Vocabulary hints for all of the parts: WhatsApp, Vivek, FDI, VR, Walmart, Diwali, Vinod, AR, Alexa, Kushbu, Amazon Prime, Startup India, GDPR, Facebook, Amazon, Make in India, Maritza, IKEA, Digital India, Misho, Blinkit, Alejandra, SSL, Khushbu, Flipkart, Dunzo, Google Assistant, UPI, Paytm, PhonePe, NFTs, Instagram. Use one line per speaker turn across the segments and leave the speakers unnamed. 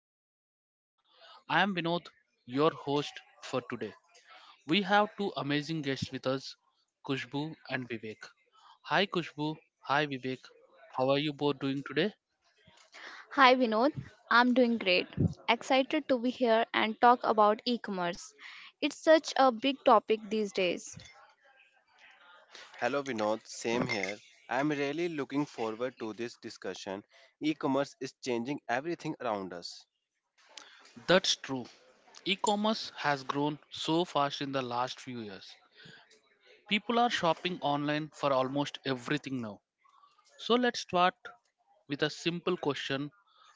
big picture. I am Vinod, your host for today. We have two amazing guests with us, Kushbu and Vivek. Hi, Kushbu. Hi, Vivek. How are you both doing today?
Hi Vinod, I'm doing great. Excited to be here and talk about e commerce. It's such a big topic these days.
Hello Vinod, same here. I'm really looking forward to this discussion. E-commerce is changing everything around us.
That's true. E commerce has grown so fast in the last few years. People are shopping online for almost everything now. So let's start with a simple question.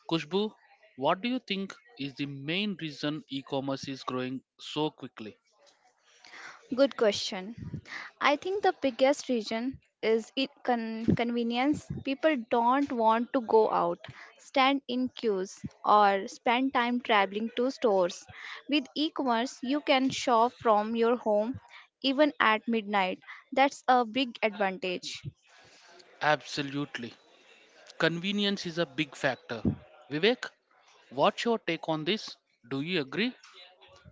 Kushbu, what do you think is the main reason e commerce is growing so quickly?
Good question. I think the biggest reason is convenience. People don't want to go out, stand in queues, or spend time traveling to stores. With e commerce, you can shop from your home even at midnight. That's a big advantage.
Absolutely. Convenience is a big factor. Vivek, what's your take on this? Do you agree?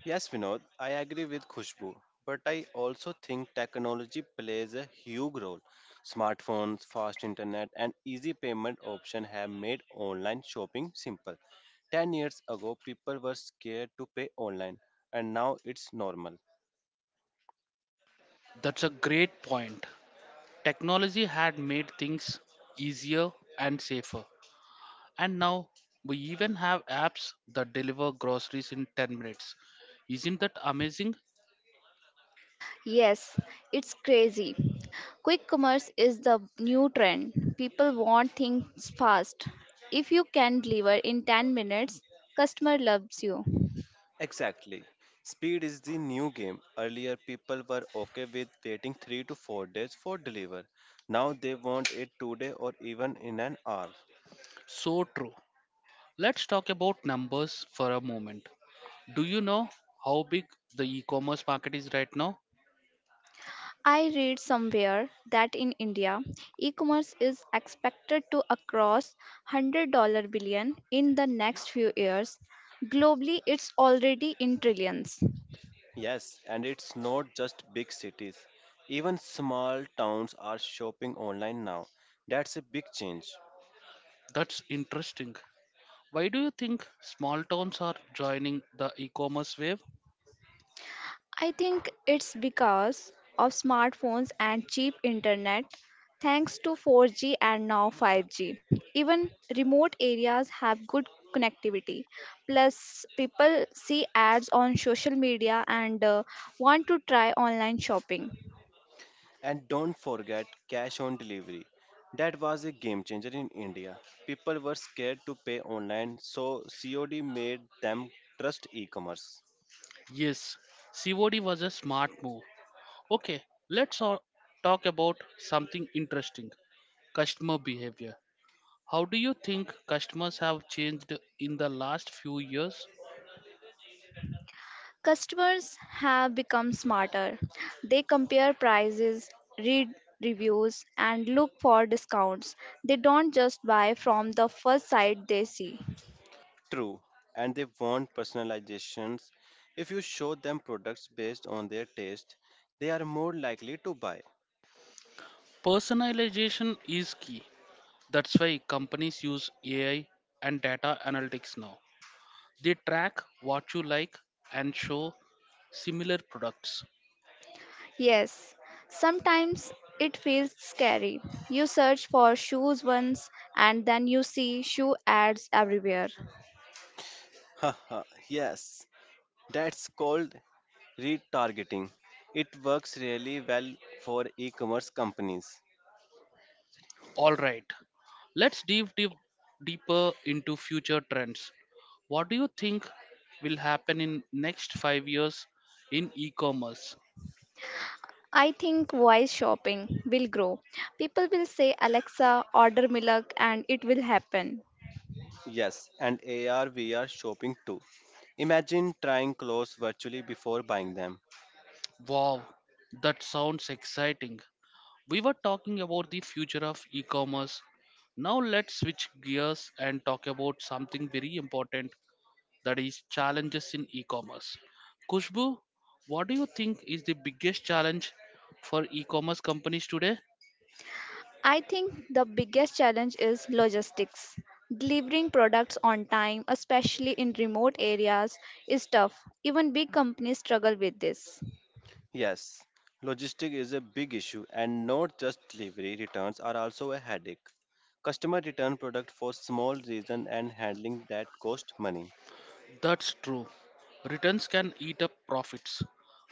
Yes Vinod, I agree with Khushbu, but I also think technology plays a huge role. Smartphones, fast internet and easy payment options have made online shopping simple. 10 years ago people were scared to pay online and now it's normal.
That's a great point. Technology had made things easier and safer. And now we even have apps that deliver groceries in 10 minutes. Isn't that amazing?
Yes, it's crazy. Quick commerce is the new trend. People want things fast. If you can deliver in 10 minutes, customer loves you.
Exactly. Speed is the new game. Earlier, people were okay with waiting 3 to 4 days for deliver. Now they want it today or even in an hour.
So true. Let's talk about numbers for a moment. Do you know how big the e commerce market is right now?
I read somewhere that in India, e-commerce is expected to cross $100 billion in the next few years. Globally, it's already in trillions.
Yes, and it's not just big cities. Even small towns are shopping online now. That's a big change.
That's interesting. Why do you think small towns are joining the e commerce wave?
I think it's because of smartphones and cheap internet. Thanks to 4G and now 5G, even remote areas have good connectivity. Plus, people see ads on social media and want to try online shopping.
And don't forget cash on delivery. That was a game changer in India. People were scared to pay online, so COD made them trust e commerce.
Yes, COD was a smart move. Okay, let's all talk about something interesting, customer behavior. How do you think customers have changed in the last few years?
Customers have become smarter. They compare prices, read reviews, and look for discounts. They don't just buy from the first site they see.
True, and they want personalizations. If you show them products based on their taste, they are more likely to buy.
Personalization is key. That's why companies use AI and data analytics now. They track what you like and show similar products.
Yes, sometimes it feels scary. You search for shoes once and then you see shoe ads everywhere.
Haha, yes, that's called retargeting. It works really well for e commerce companies.
All right, let's deeper into future trends. What do you think will happen in next 5 years in e-commerce?
I think voice shopping will grow. People will say, Alexa, order milk, and it will happen.
Yes, and AR VR shopping too. Imagine trying clothes virtually before buying them.
Wow, that sounds exciting. We were talking about the future of e-commerce. Now let's switch gears and talk about something very important, that is challenges in e-commerce. Kushbu, what do you think is the biggest challenge for e-commerce companies today?
I think the biggest challenge is logistics. Delivering products on time, especially in remote areas, is tough. Even big companies struggle with this.
Yes, logistic is a big issue, and not just delivery returns are also a headache. Customer return product for small reason and handling that cost money.
That's true. Returns can eat up profits.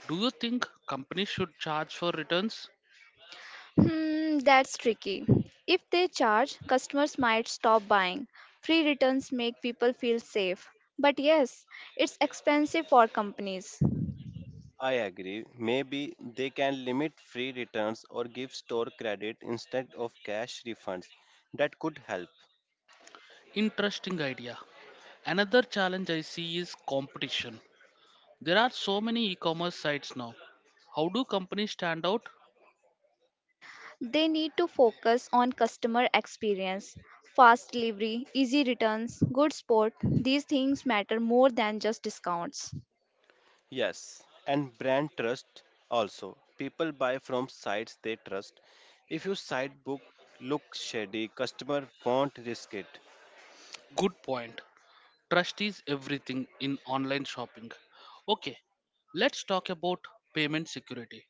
Do you think companies should charge for returns?
Hmm, that's tricky. If they charge, customers might stop buying. Free returns make people feel safe. But yes, it's expensive for companies.
I agree. Maybe they can limit free returns or give store credit instead of cash refunds. That could help.
Interesting idea. Another challenge I see is competition. There are so many e commerce sites now. How do companies stand out?
They need to focus on customer experience. Fast delivery, easy returns, good support. These things matter more than just discounts.
Yes, and brand trust also. People buy from sites they trust. If your site book looks shady, customer won't risk it.
Good point. Trust is everything in online shopping. Okay, let's talk about payment security.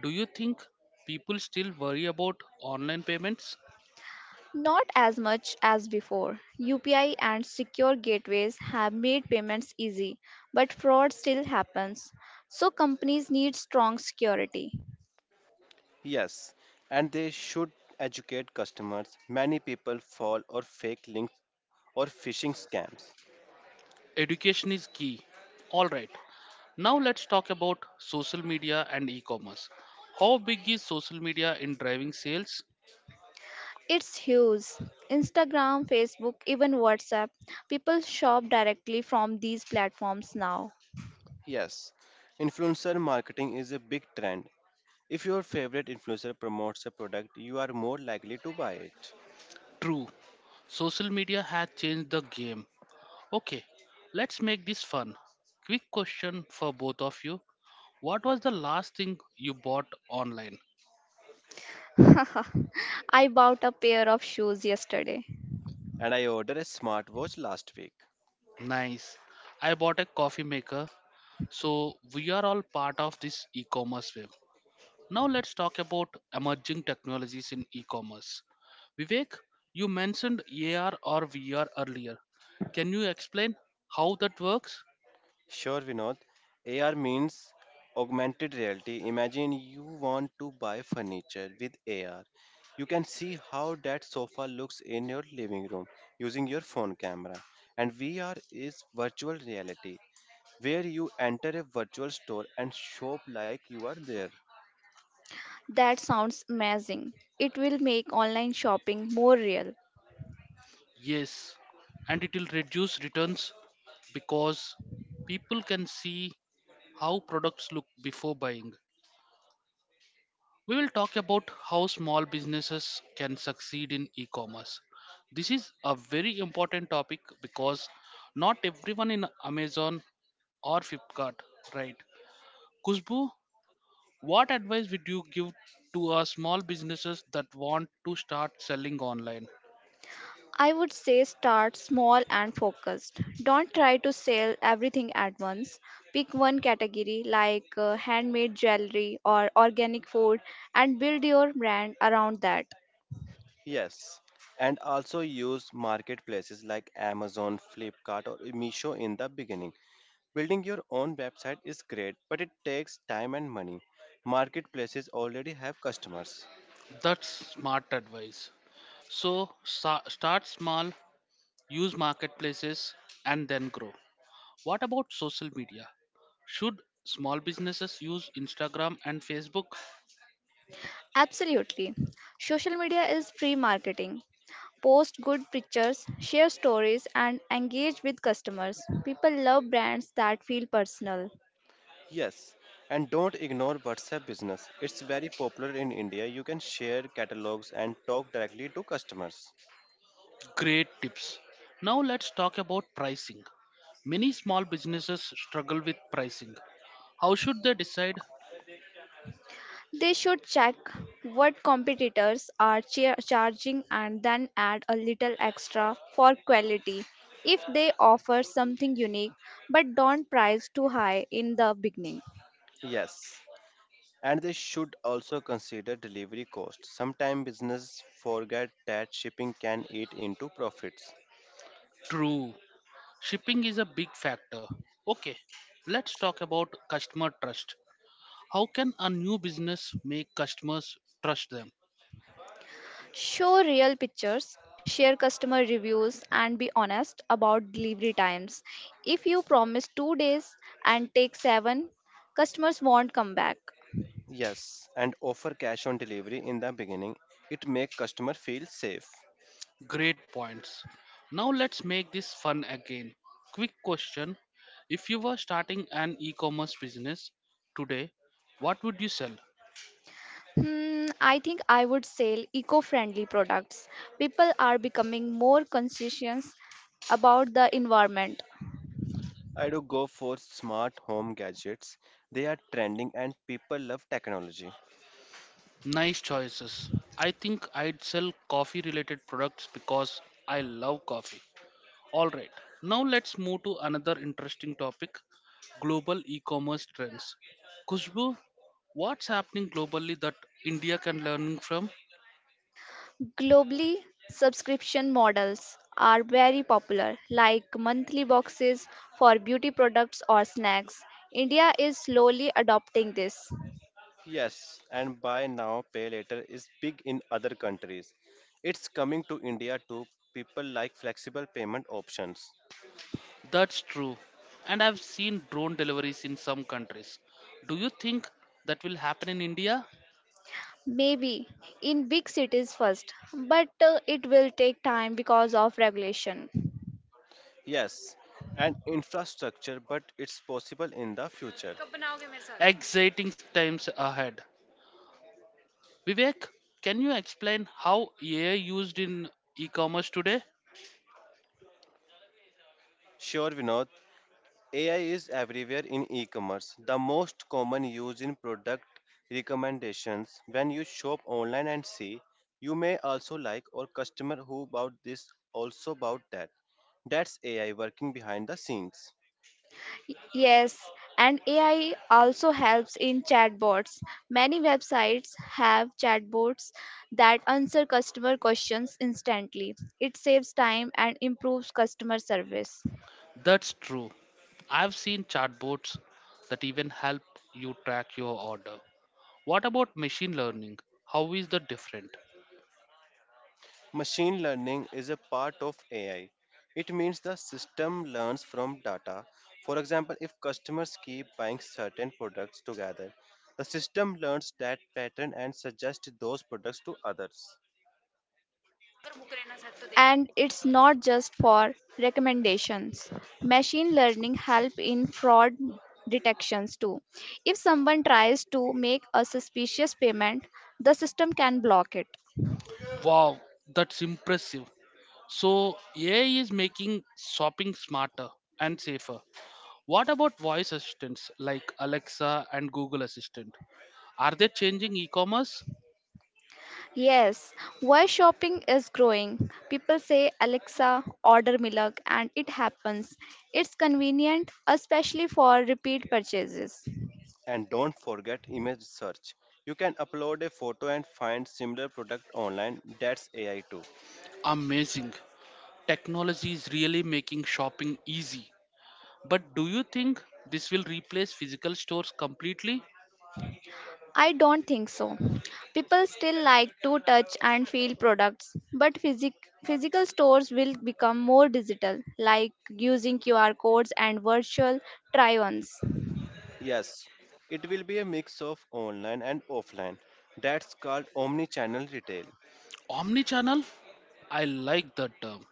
Do you think people still worry about online payments?
Not as much as before. UPI and secure gateways have made payments easy, but fraud still happens. So companies need strong security.
Yes, and they should educate customers. Many people fall or fake links or phishing scams.
Education is key. Alright, now let's talk about social media and e commerce. How big is social media in driving sales?
It's huge. Instagram, Facebook, even WhatsApp. People shop directly from these platforms now.
Yes, influencer marketing is a big trend. If your favorite influencer promotes a product, you are more likely to buy it.
True, social media has changed the game. Okay, let's make this fun. Quick question for both of you. What was the last thing you bought online?
I bought a pair of shoes yesterday.
And I ordered a smartwatch last week.
Nice. I bought a coffee maker. So we are all part of this e-commerce wave. Now let's talk about emerging technologies in e-commerce. Vivek, you mentioned AR or VR earlier. Can you explain how that works?
Sure, Vinod. AR means augmented reality. Imagine you want to buy furniture with AR. You can see how that sofa looks in your living room using your phone camera. And VR is virtual reality, where you enter a virtual store and shop like you are there.
That sounds amazing. It will make online shopping more real.
Yes, and it will reduce returns because people can see how products look before buying. We will talk about how small businesses can succeed in e commerce. This is a very important topic because not everyone in Amazon or Flipkart, right? Kushbu, what advice would you give to our small businesses that want to start selling online?
I would say start small and focused. Don't try to sell everything at once. Pick one category like handmade jewelry or organic food and build your brand around that.
Yes, and also use marketplaces like Amazon, Flipkart, or Meesho in the beginning. Building your own website is great, but it takes time and money. Marketplaces already have customers.
That's smart advice. So start small, use marketplaces, and then grow. What about social media? Should small businesses use Instagram and Facebook?
Absolutely. Social media is free marketing. Post good pictures, share stories, and engage with customers. People love brands that feel personal.
Yes, and don't ignore WhatsApp business. It's very popular in India. You can share catalogs and talk directly to customers.
Great tips. Now let's talk about pricing. Many small businesses struggle with pricing. How should they decide?
They should check what competitors are charging and then add a little extra for quality if they offer something unique, but don't price too high in the beginning.
Yes, and they should also consider delivery costs. Sometimes business forget that shipping can eat into profits.
True. Shipping is a big factor. Okay, let's talk about customer trust. How can a new business make customers trust them?
Show real pictures, share customer reviews, and be honest about delivery times. If you promise 2 days and take 7, customers won't come back.
Yes, and offer cash on delivery in the beginning. It makes customer feel safe.
Great points. Now let's make this fun again. Quick question. If you were starting an e commerce business today, what would you sell?
Hmm, I think I would sell eco friendly products. People are becoming more conscious about the environment.
I do go for smart home gadgets. They are trending and people love technology.
Nice choices. I think I'd sell coffee related products because I love coffee. Alright, now let's move to another interesting topic, global e commerce trends. Kushbu, what's happening globally that India can learn from?
Globally, subscription models are very popular, like monthly boxes for beauty products or snacks. India is slowly adopting this.
Yes, and buy now, pay later is big in other countries. It's coming to India too. People like flexible payment options.
That's true. And I've seen drone deliveries in some countries. Do you think that will happen in India?
Maybe in big cities first, but it will take time because of regulation.
Yes, and infrastructure, but it's possible in the future.
Exciting times ahead. Vivek, can you explain how AI used in e-commerce today?
Sure, Vinod, AI is everywhere in e-commerce. The most common use in product recommendations when you shop online and see you may also like or customer who bought this also bought that. That's AI working behind the scenes.
Yes, and AI also helps in chatbots. Many websites have chatbots that answer customer questions instantly. It saves time and improves customer service.
That's true. I've seen chatbots that even help you track your order. What about machine learning? How is that different?
Machine learning is a part of AI. It means the system learns from data. For example, if customers keep buying certain products together, the system learns that pattern and suggests those products to others.
And it's not just for recommendations. Machine learning help in fraud detections too. If someone tries to make a suspicious payment, the system can block it.
Wow, that's impressive. So AI is making shopping smarter and safer. What about voice assistants like Alexa and Google Assistant? Are they changing e-commerce?
Yes, why shopping is growing. People say, Alexa, order milk, and it happens. It's convenient, especially for repeat purchases.
And don't forget image search. You can upload a photo and find similar product online. That's AI too.
Amazing. Technology is really making shopping easy. But do you think this will replace physical stores completely?
I don't think so. People still like to touch and feel products, but physical stores will become more digital, like using QR codes and virtual try ons.
Yes, it will be a mix of online and offline. That's called omni-channel retail.
Omnichannel? I like that term.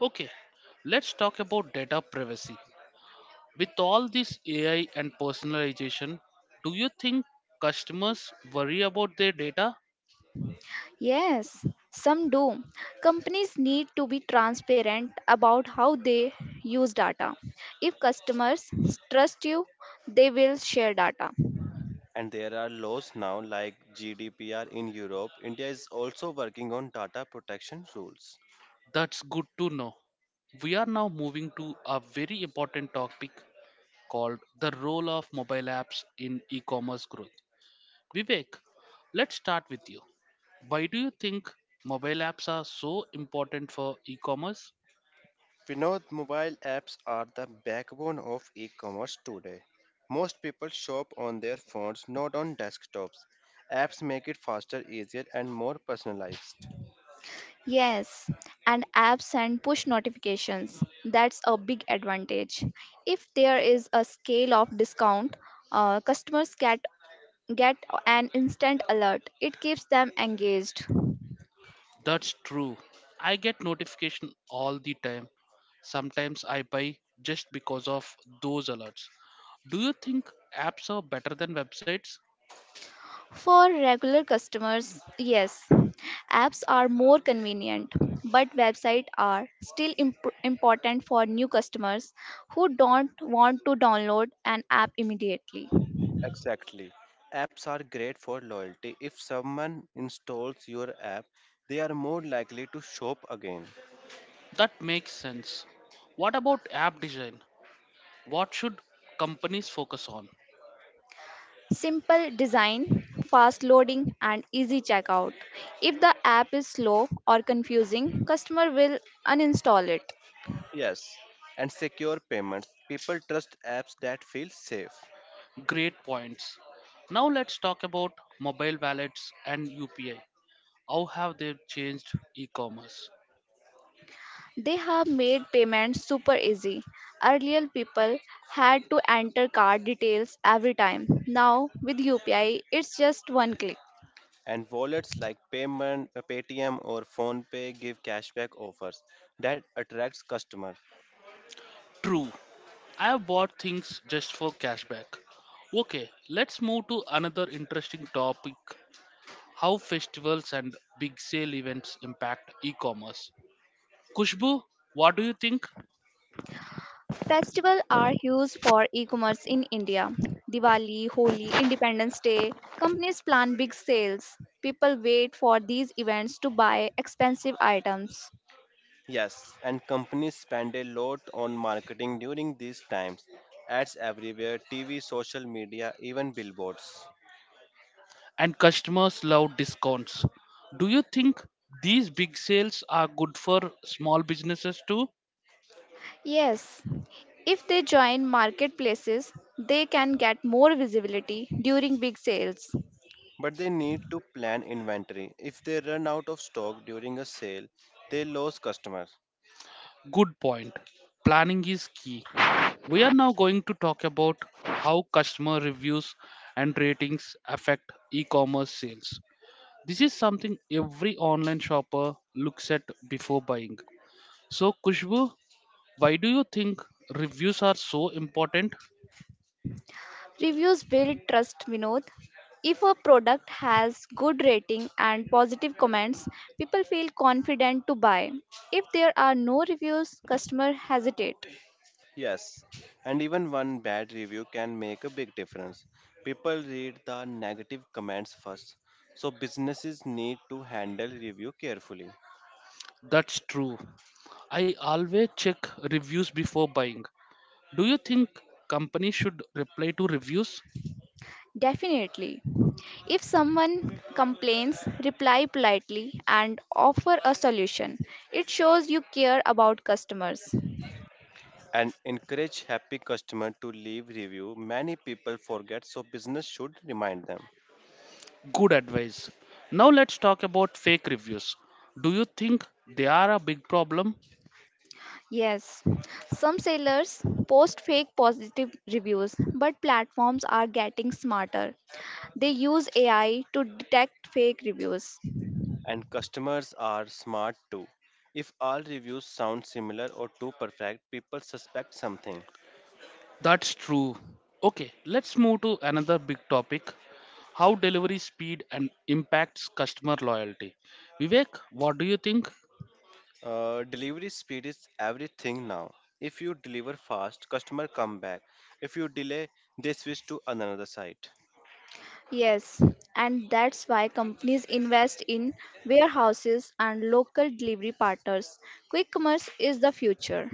Okay, let's talk about data privacy. With all this AI and personalization, do you think customers worry about their data?
Yes, some do. Companies need to be transparent about how they use data. If customers trust you, they will share data.
And there are laws now like GDPR in Europe. India is also working on data protection rules.
That's good to know. We are now moving to a very important topic called the role of mobile apps in e commerce growth. Vivek, let's start with you. Why do you think mobile apps are so important for e-commerce?
Vinod, mobile apps are the backbone of e commerce today. Most people shop on their phones, not on desktops. Apps make it faster, easier, and more personalized.
Yes, and apps and push notifications. That's a big advantage. If there is a scale of discount, customers get an instant alert. It keeps them engaged.
That's true. I get notification all the time. Sometimes I buy just because of those alerts. Do you think apps are better than websites?
For regular customers, yes, apps are more convenient, but websites are still important for new customers who don't want to download an app immediately.
Exactly. Apps are great for loyalty. If someone installs your app, they are more likely to shop again.
That makes sense. What about app design? What should companies focus on?
Simple design, fast loading, and easy checkout. If the app is slow or confusing, customer will uninstall it.
Yes. And secure payments. People trust apps that feel safe.
Great points. Now let's talk about mobile wallets and UPI. How have they changed e commerce?
They have made payments super easy. Earlier, people had to enter card details every time. Now, with UPI, it's just one click.
And wallets like Paytm or PhonePe give cashback offers that attracts customer.
True, I have bought things just for cashback. Okay, let's move to another interesting topic, how festivals and big sale events impact e commerce. Kushbu, what do you think?
Festivals are huge for e-commerce in India. Diwali, Holi, Independence Day. Companies plan big sales. People wait for these events to buy expensive items.
Yes, and companies spend a lot on marketing during these times. Ads everywhere, TV, social media, even billboards.
And customers love discounts. Do you think these big sales are good for small businesses too?
Yes, if they join marketplaces, they can get more visibility during big sales.
But they need to plan inventory. If they run out of stock during a sale, they lose customers.
Good point. Planning is key. We are now going to talk about how customer reviews and ratings affect e commerce sales. This is something every online shopper looks at before buying. So, Kushbu, why do you think reviews are so important?
Reviews build trust, Vinod. If a product has good rating and positive comments, people feel confident to buy. If there are no reviews, customer hesitate.
Yes, and even one bad review can make a big difference. People read the negative comments first, so businesses need to handle review carefully
That's true. I always check reviews before buying. Do you think companies should reply to reviews?
Definitely. If someone complains, reply politely and offer a solution. It shows you care about customers.
and encourage happy customer to leave review. Many people forget, so business should remind them.
Good advice. Now let's talk about fake reviews. Do you think they are a big problem?
Yes, some sellers post fake positive reviews, but platforms are getting smarter. They use AI to detect fake reviews.
And customers are smart too. If all reviews sound similar or too perfect, people suspect something.
That's true. Okay, let's move to another big topic, how delivery speed and impacts customer loyalty. Vivek, what do you think?
Delivery speed is everything now. If you deliver fast, customer come back. If you delay, they switch to another site.
Yes, and that's why companies invest in warehouses and local delivery partners. Quick commerce is the future.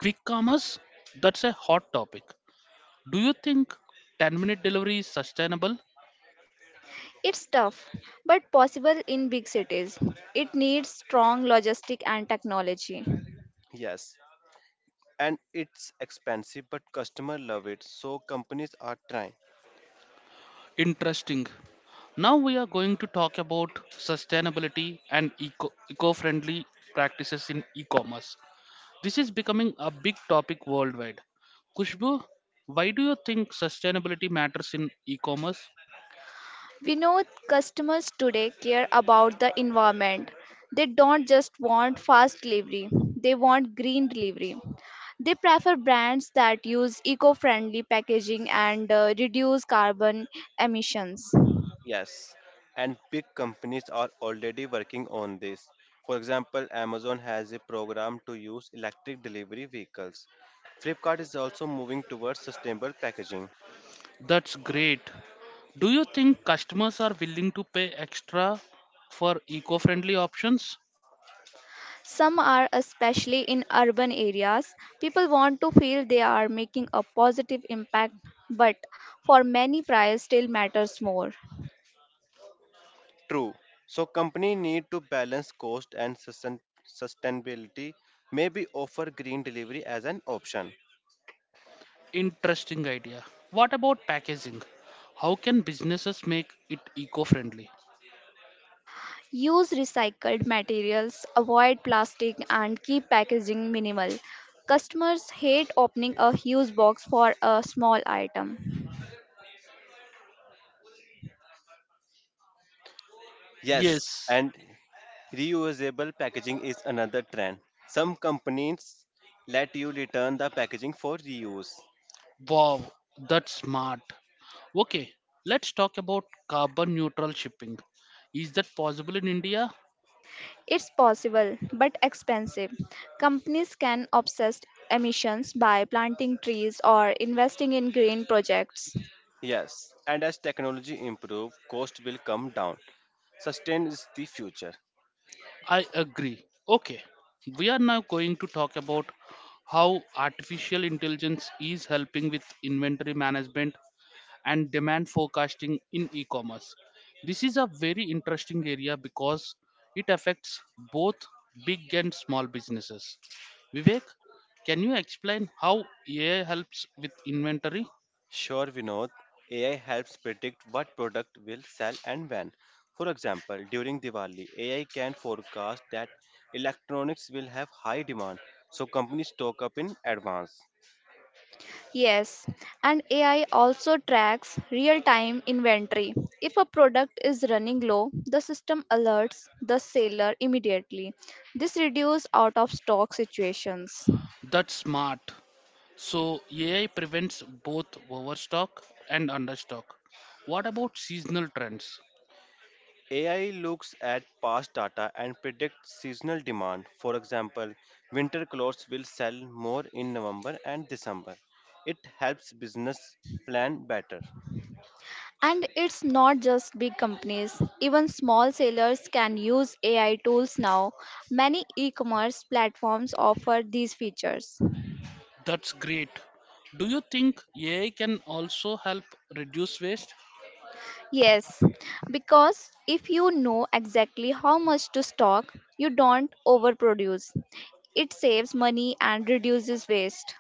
Quick commerce? That's a hot topic. Do you think 10-minute delivery is sustainable?
It's tough, but possible in big cities. It needs strong logistics and technology.
Yes, and it's expensive, but customer love it. So companies are trying.
Interesting. Now we are going to talk about sustainability and eco friendly practices in e commerce. This is becoming a big topic worldwide. Kushbu, why do you think sustainability matters in e commerce?
We know customers today care about the environment. They don't just want fast delivery, they want green delivery. They prefer brands that use eco friendly packaging and reduce carbon emissions.
Yes, and big companies are already working on this. For example, Amazon has a program to use electric delivery vehicles. Flipkart is also moving towards sustainable packaging.
That's great. Do you think customers are willing to pay extra for eco friendly options?
Some are, especially in urban areas, people want to feel they are making a positive impact, but for many, price still matters more.
True. So company need to balance cost and sustainability, maybe offer green delivery as an option.
Interesting idea. What about packaging? How can businesses make it eco friendly?
Use recycled materials, avoid plastic, and keep packaging minimal. Customers hate opening a huge box for a small item.
Yes,
Yes.
and reusable packaging is another trend. Some companies let you return the packaging for reuse.
Wow, that's smart. Okay, let's talk about carbon neutral shipping. Is that possible in India?
It's possible but expensive. Companies can offset emissions by planting trees or investing in green projects.
Yes, and as technology improve, cost will come down. Sustain is the future.
I agree. Okay, we are now going to talk about how artificial intelligence is helping with inventory management and demand forecasting in e commerce. This is a very interesting area because it affects both big and small businesses. Vivek, can you explain how AI helps with inventory?
Sure, Vinod. AI helps predict what product will sell and when. For example, during Diwali, AI can forecast that electronics will have high demand, so companies stock up in advance.
Yes, and AI also tracks real time inventory. If a product is running low, the system alerts the seller immediately. This reduces out of stock situations.
That's smart. So, AI prevents both overstock and understock. What about seasonal trends?
AI looks at past data and predicts seasonal demand. For example, winter clothes will sell more in November and December. It helps business plan better.
And it's not just big companies, even small sellers can use AI tools now. Many e commerce platforms offer these features.
That's great. Do you think AI can also help reduce waste?
Yes, because if you know exactly how much to stock, you don't overproduce. It saves money and reduces waste.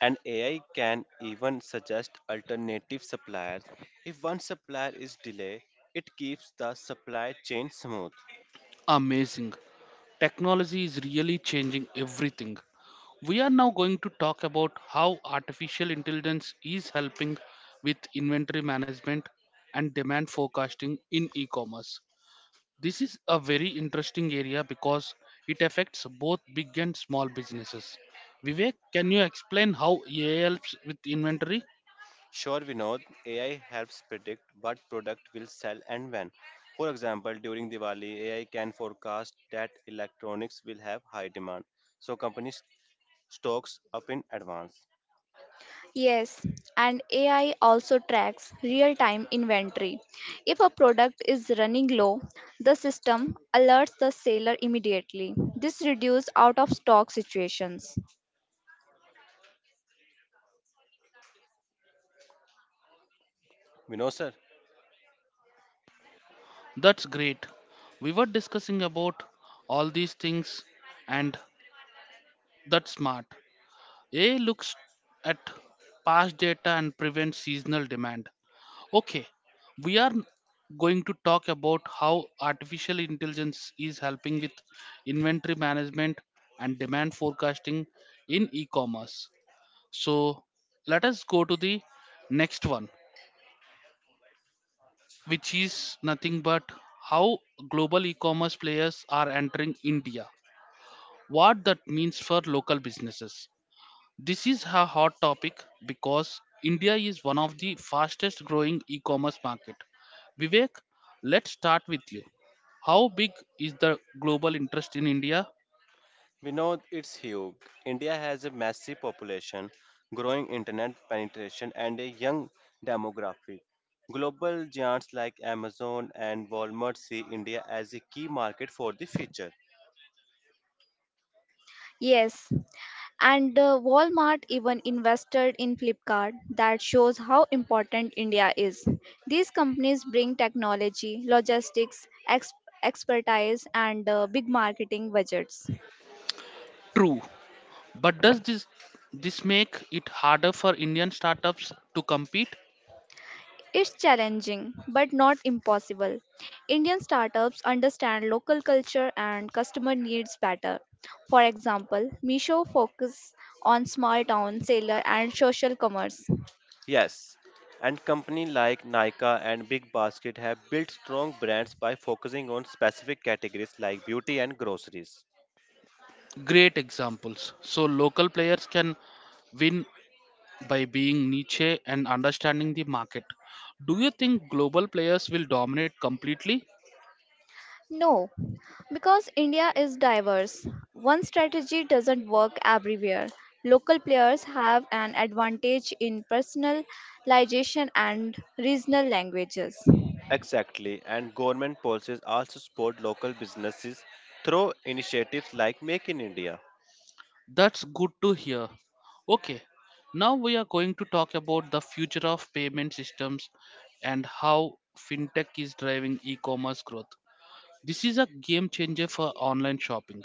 And AI can even suggest alternative suppliers. If one supplier is delayed, it keeps the supply chain smooth.
Amazing. Technology is really changing everything. We are now going to talk about how artificial intelligence is helping with inventory management and demand forecasting in e commerce. This is a very interesting area because it affects both big and small businesses. Vivek, can you explain how AI helps with inventory?
Sure, Vinod, AI helps predict what product will sell and when. For example, during Diwali, AI can forecast that electronics will have high demand, so companies stocks up in advance.
Yes, and AI also tracks real time inventory. If a product is running low, the system alerts the seller immediately. This reduces out of stock situations.
Vinod sir.
That's great. We were discussing about all these things, and that's smart. A looks at past data and prevents seasonal demand. Okay, we are going to talk about how artificial intelligence is helping with inventory management and demand forecasting in e commerce. So, let us go to the next one, which is nothing but how global e commerce players are entering India, what that means for local businesses. This is a hot topic because India is one of the fastest growing e-commerce market. Vivek, let's start with you. How big is the global interest in India?
We know it's huge. India has a massive population, growing internet penetration, and a young demographic. Global giants like Amazon and Walmart see India as a key market for the future.
Yes, and Walmart even invested in Flipkart that shows how important India is. These companies bring technology, logistics, expertise, and big marketing budgets.
True, but does this make it harder for Indian startups to compete?
It's challenging, but not impossible. Indian startups understand local culture and customer needs better. For example, Misho focuses on small town sailor and social commerce.
Yes, and companies like Nika and Big Basket have built strong brands by focusing on specific categories like beauty and groceries.
Great examples. So local players can win by being niche and understanding the market. Do you think global players will dominate completely?
No, because India is diverse. One strategy doesn't work everywhere. Local players have an advantage in personalization and regional languages.
Exactly, and government policies also support local businesses through initiatives like Make in India.
That's good to hear. Okay, now we are going to talk about the future of payment systems and how fintech is driving e commerce growth. This is a game changer for online shopping.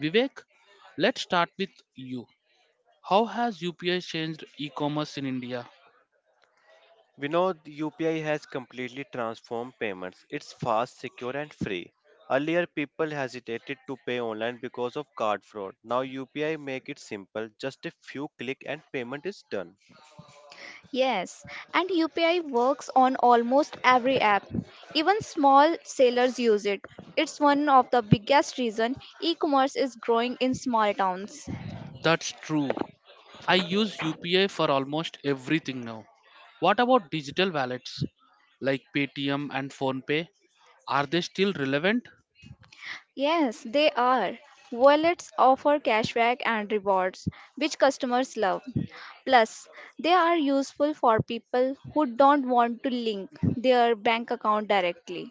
Vivek, let's start with you. How has UPI changed e commerce in India?
We know the UPI has completely transformed payments. It's fast, secure, and free. Earlier, people hesitated to pay online because of card fraud. Now, UPI make it simple. Just a few click and payment is done.
Yes, and UPI works on almost every app. Even small sellers use it. It's one of the biggest reason e-commerce is growing in small towns.
That's true. I use UPI for almost everything now. What about digital wallets like Paytm and PhonePe? Are they still relevant?
Yes, they are. Wallets offer cashback and rewards, which customers love. Plus, they are useful for people who don't want to link their bank account directly.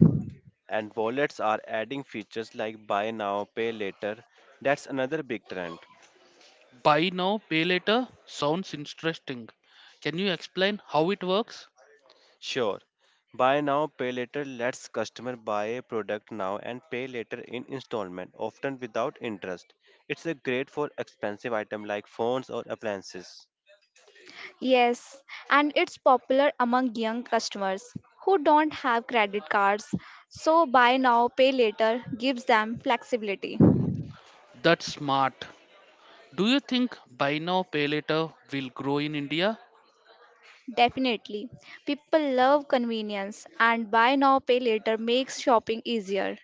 And wallets are adding features like buy now, pay later. That's another big trend.
Buy now, pay later sounds interesting. Can you explain how it works?
Sure, buy now, pay later lets customer buy a product now and pay later in installment, often without interest. It's a great for expensive item like phones or appliances.
Yes, and it's popular among young customers who don't have credit cards. So buy now, pay later gives them flexibility.
That's smart. Do you think buy now, pay later will grow in India?
Definitely. People love convenience and buy now, pay later makes shopping easier.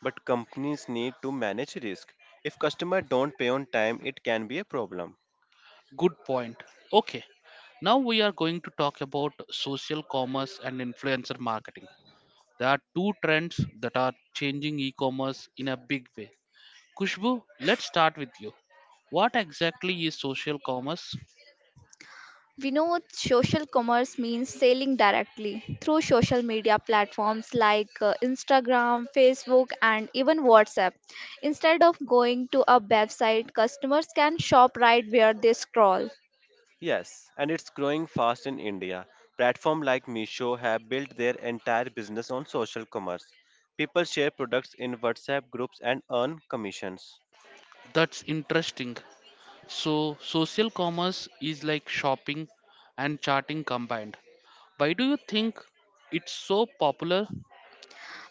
But companies need to manage risk. If customers don't pay on time, it can be a problem.
Good point. Okay, now we are going to talk about social commerce and influencer marketing. There are two trends that are changing e commerce in a big way. Kushbu, let's start with you. What exactly is social commerce?
We know social commerce means selling directly through social media platforms like Instagram, Facebook, and even WhatsApp. Instead of going to a website, customers can shop right where they scroll.
Yes, and it's growing fast in India. Platforms like Meesho have built their entire business on social commerce. People share products in WhatsApp groups and earn commissions.
That's interesting. So, social commerce is like shopping and charting combined. Why do you think it's so popular?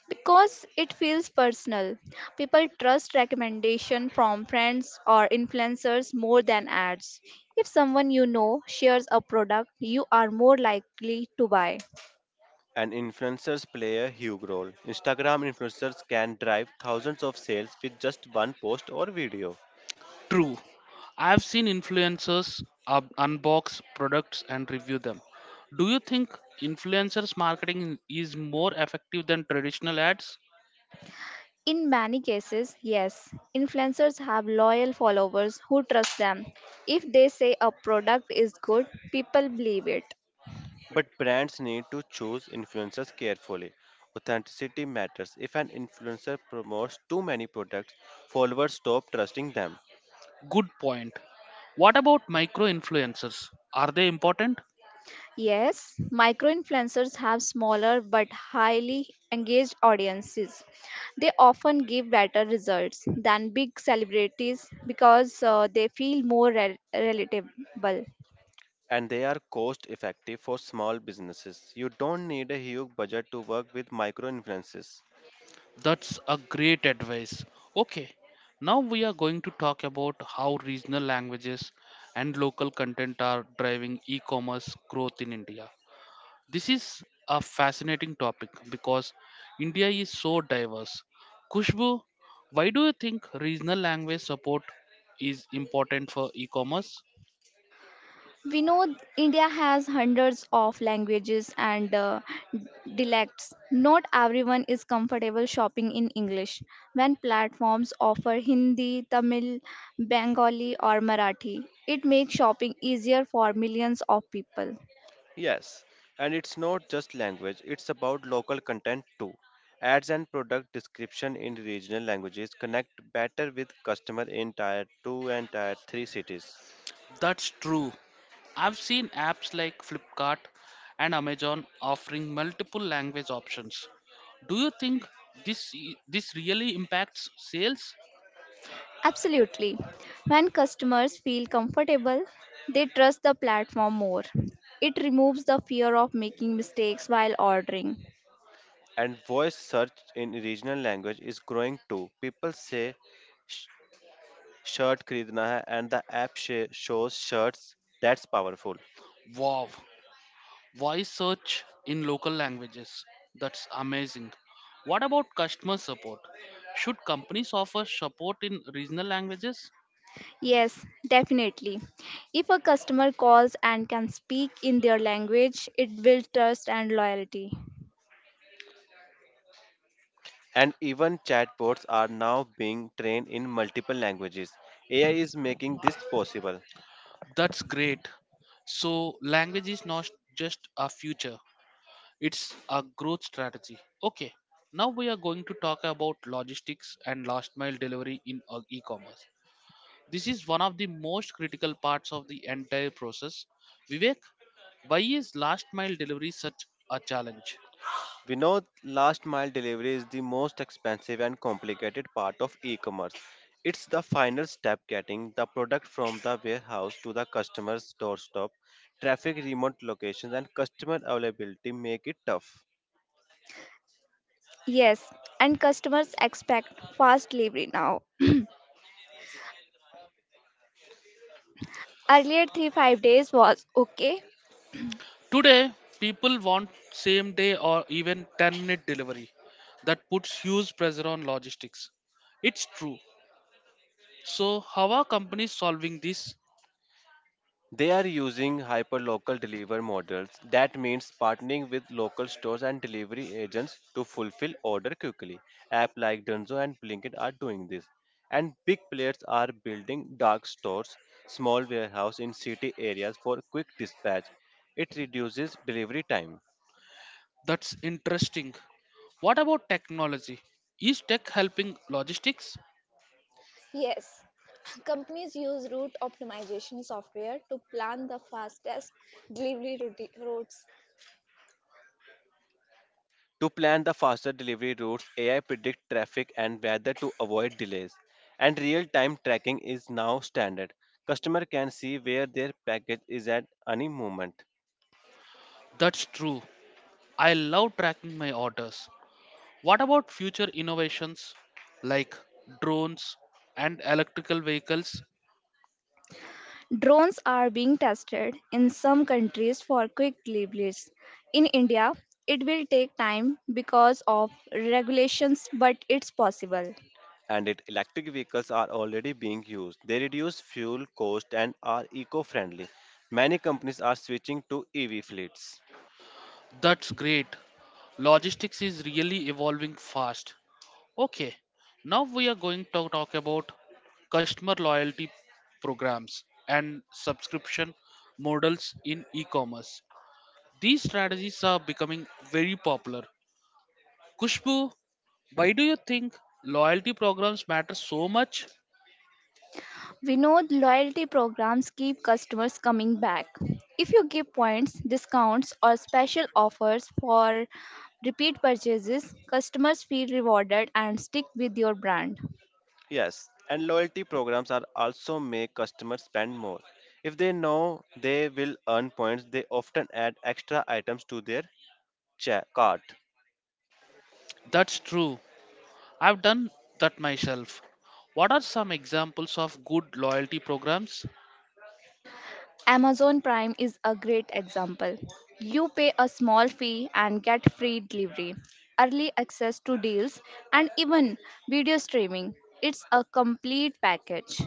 Because it feels personal. People trust recommendation from friends or influencers more than ads. If someone you know shares a product, you are more likely to buy.
And influencers play a huge role. Instagram influencers can drive thousands of sales with just one post or video.
True. I've seen influencers unbox products and review them. Do you think influencers marketing is more effective than traditional ads?
In many cases, yes, influencers have loyal followers who trust them. If they say a product is good, people believe it.
But brands need to choose influencers carefully. Authenticity matters. If an influencer promotes too many products, followers stop trusting them.
Good point. What about micro influencers? Are they important?
Yes, micro influencers have smaller but highly engaged audiences. They often give better results than big celebrities because they feel more relatable.
And they are cost effective for small businesses. You don't need a huge budget to work with micro influences.
That's a great advice. Okay, now we are going to talk about how regional languages and local content are driving e commerce growth in India. This is a fascinating topic because India is so diverse. Kushbu, why do you think regional language support is important for e commerce?
We know India has hundreds of languages and dialects. Not everyone is comfortable shopping in English. When platforms offer Hindi, Tamil, Bengali, or Marathi, it makes shopping easier for millions of people.
Yes, and it's not just language, it's about local content too. Ads and product description in regional languages connect better with customer in tier 2 and tier 3 cities.
That's true. I've seen apps like Flipkart and Amazon offering multiple language options. Do you think this this really impacts sales?
Absolutely. When customers feel comfortable, they trust the platform more. It removes the fear of making mistakes while ordering.
And voice search in regional language is growing too. People say "Sh- shirt khareedna hai" and the app shows shirts. That's powerful.
Wow. Voice search in local languages. That's amazing. What about customer support? Should companies offer support in regional languages?
Yes, definitely. If a customer calls and can speak in their language, it builds trust and loyalty.
And even chatbots are now being trained in multiple languages. AI is making this possible.
That's great. So language is not just a future, it's a growth strategy. Okay, now we are going to talk about logistics and last mile delivery in e-commerce. This is one of the most critical parts of the entire process. Vivek, why is last mile delivery such a challenge?
We know last mile delivery is the most expensive and complicated part of e-commerce. It's the final step getting the product from the warehouse to the customer's doorstep. Traffic, remote locations, and customer availability make it tough.
Yes, and customers expect fast delivery now. Earlier, 3 5 days was okay.
Today, people want same day or even 10-minute delivery. That puts huge pressure on logistics. It's true. So, how are companies solving this?
They are using hyperlocal delivery models. That means partnering with local stores and delivery agents to fulfill order quickly. App like Dunzo and Blinkit are doing this. And big players are building dark stores, small warehouse in city areas for quick dispatch. It reduces delivery time.
That's interesting. What about technology? Is tech helping logistics?
Yes, companies use route optimization software to plan the fastest delivery routes.
To plan the faster delivery routes, AI predict traffic and weather to avoid delays. And real-time tracking is now standard. Customer can see where their package is at any moment.
That's true. I love tracking my orders. What about future innovations like drones and electrical vehicles?
Drones are being tested in some countries for quick deliveries. In India, it will take time because of regulations, but it's possible.
And it, electric vehicles are already being used. They reduce fuel cost and are eco-friendly. Many companies are switching to EV fleets.
That's great. Logistics is really evolving fast. Okay, now we are going to talk about customer loyalty programs and subscription models in e commerce. These strategies are becoming very popular. Kushbu, why do you think loyalty programs matter so much?
We know loyalty programs keep customers coming back. If you give points, discounts, or special offers for repeat purchases, customers feel rewarded and stick with your brand.
Yes, and loyalty programs are also make customers spend more. If they know they will earn points, they often add extra items to their cart.
That's true. I've done that myself. What are some examples of good loyalty programs?
Amazon Prime is a great example. You pay a small fee and get free delivery, early access to deals, and even video streaming. It's a complete package.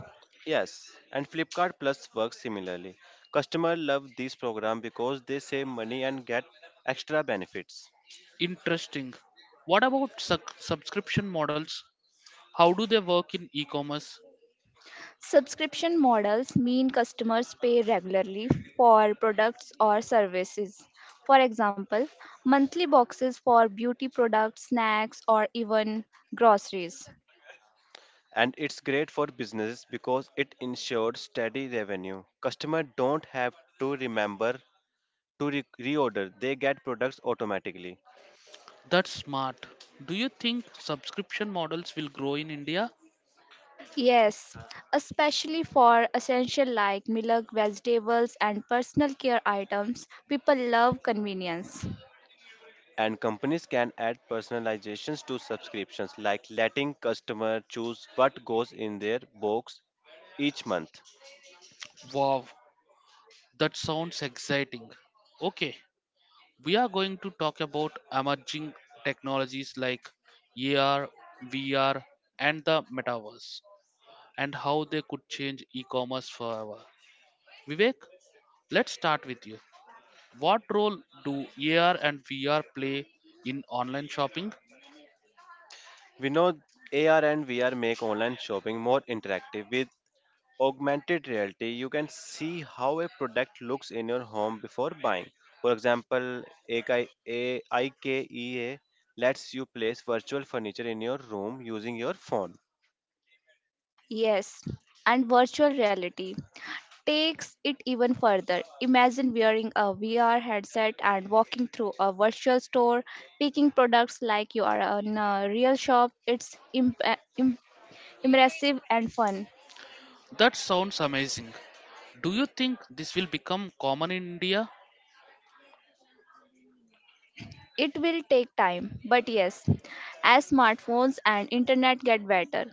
Yes, and Flipkart Plus works similarly. Customers love this program because they save money and get extra benefits.
Interesting. What about subscription models? How do they work in e commerce?
Subscription models mean customers pay regularly for products or services. For example, monthly boxes for beauty products, snacks, or even groceries.
And it's great for businesses because it ensures steady revenue. Customers don't have to remember to reorder, they get products automatically.
That's smart. Do you think subscription models will grow in India?
Yes, especially for essential like milk, vegetables, and personal care items, people love convenience.
And companies can add personalizations to subscriptions, like letting customer choose what goes in their box each month.
Wow, that sounds exciting. Okay, we are going to talk about emerging technologies like AR, VR, and the metaverse and how they could change e commerce forever. Vivek, let's start with you. What role do AR and VR play in online shopping?
We know AR and VR make online shopping more interactive with augmented reality. You can see how a product looks in your home before buying. For example, AKI AIKEA lets you place virtual furniture in your room using your phone.
Yes, and virtual reality takes it even further. Imagine wearing a VR headset and walking through a virtual store, picking products like you are in a real shop. It's im- impressive and fun.
That sounds amazing. Do you think this will become common in India?
It will take time, but yes, as smartphones and internet get better,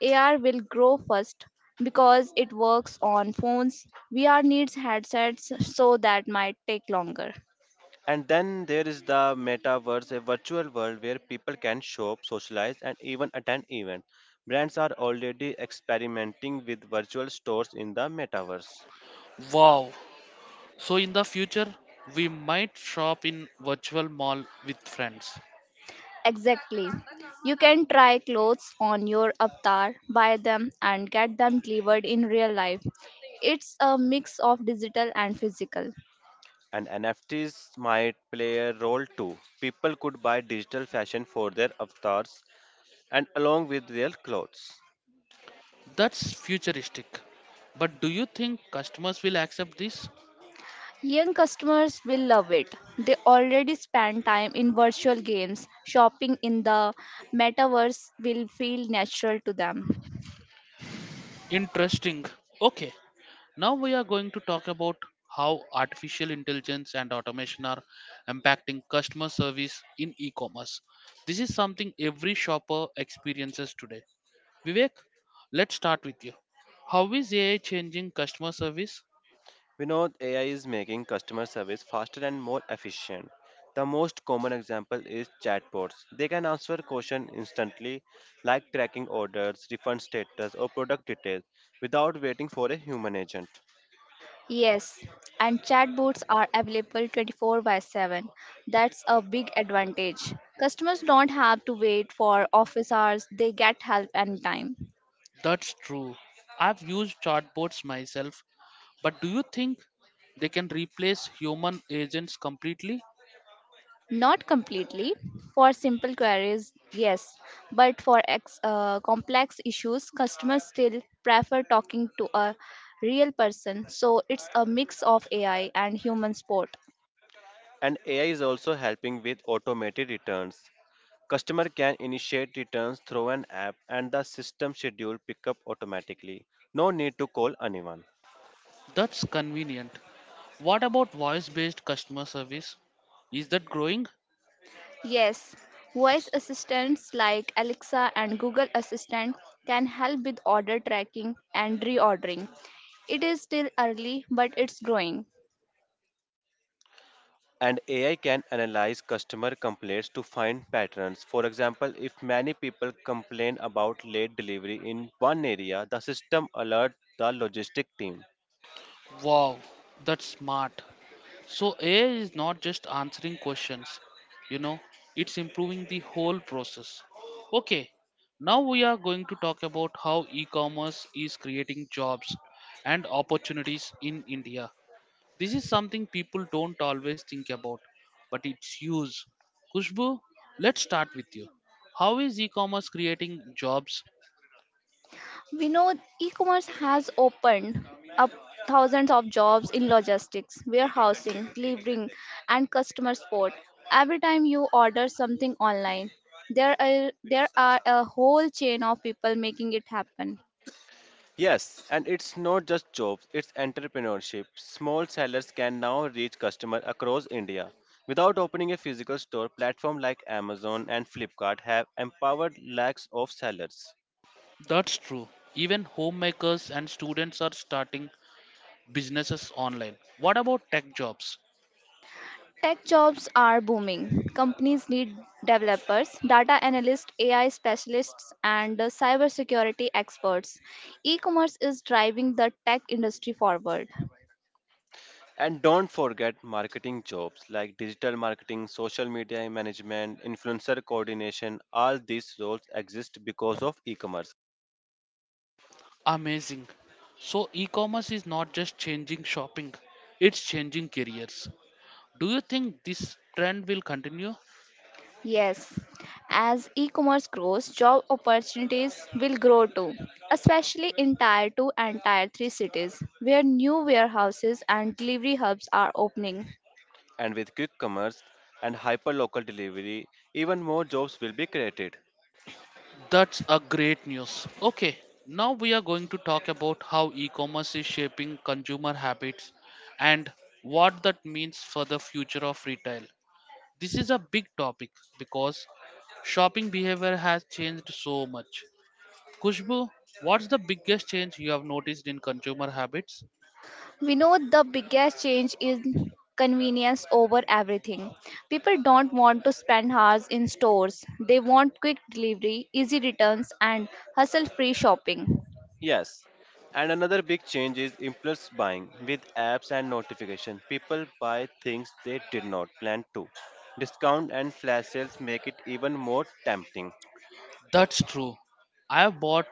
AR will grow first because it works on phones. VR needs headsets, so that might take longer.
And then there is the metaverse, a virtual world where people can shop, socialize, and even attend events. Brands are already experimenting with virtual stores in the metaverse.
Wow. So in the future, we might shop in virtual mall with friends.
Exactly. You can try clothes on your avatar, buy them, and get them delivered in real life. It's a mix of digital and physical.
And NFTs might play a role too. People could buy digital fashion for their avatars and along with their clothes.
That's futuristic. But do you think customers will accept this?
Young customers will love it. They already spend time in virtual games. Shopping in the metaverse will feel natural to them.
Interesting. Okay, now we are going to talk about how artificial intelligence and automation are impacting customer service in e commerce. This is something every shopper experiences today. Vivek, let's start with you. How is AI changing customer service?
We know AI is making customer service faster and more efficient. The most common example is chatbots. They can answer questions instantly, like tracking orders, refund status, or product details, without waiting for a human agent.
Yes, and chatbots are available 24 by 7. That's a big advantage. Customers don't have to wait for office hours, they get help anytime.
That's true. I've used chatbots myself, but do you think they can replace human agents completely?
Not completely. For simple queries, yes. But for complex issues, customers still prefer talking to a real person. So it's a mix of AI and human support.
And AI is also helping with automated returns. Customer can initiate returns through an app, and the system schedule pickup automatically. No need to call anyone.
That's convenient. What about voice based customer service? Is that growing?
Yes, voice assistants like Alexa and Google Assistant can help with order tracking and reordering. It is still early, but it's growing.
And AI can analyze customer complaints to find patterns. For example, if many people complain about late delivery in one area, the system alerts the logistic team.
Wow, that's smart. So AI is not just answering questions, you know, it's improving the whole process. Okay, now we are going to talk about how e commerce is creating jobs and opportunities in India. This is something people don't always think about, but it's huge. Kushbu, let's start with you. How is e-commerce creating jobs?
We know e-commerce has opened up thousands of jobs in logistics, warehousing, delivering, and customer support. Every time you order something online, there are a whole chain of people making it happen.
Yes, and it's not just jobs, it's entrepreneurship. Small sellers can now reach customers across India. Without opening a physical store, platforms like Amazon and Flipkart have empowered lakhs of sellers.
That's true. Even homemakers and students are starting businesses online. What about tech jobs?
Tech jobs are booming. Companies need developers, data analysts, AI specialists, and cybersecurity experts. E commerce is driving the tech industry forward.
And don't forget marketing jobs like digital marketing, social media management, influencer coordination. All these roles exist because of e commerce.
Amazing. So e-commerce is not just changing shopping, it's changing careers. Do you think this trend will continue?
Yes, as e commerce grows, job opportunities will grow too, especially in Tier 2 and Tier 3 cities where new warehouses and delivery hubs are opening.
And with quick commerce and hyper local delivery, even more jobs will be created.
That's a great news. Okay, now we are going to talk about how e-commerce is shaping consumer habits and what that means for the future of retail. This is a big topic because shopping behavior has changed so much. Kushbu, what's the biggest change you have noticed in consumer habits?
We know the biggest change is convenience over everything. People don't want to spend hours in stores, they want quick delivery, easy returns, and hassle free shopping.
Yes. And another big change is impulse buying. With apps and notification, people buy things they did not plan to. Discount and flash sales make it even more tempting.
That's true. I have bought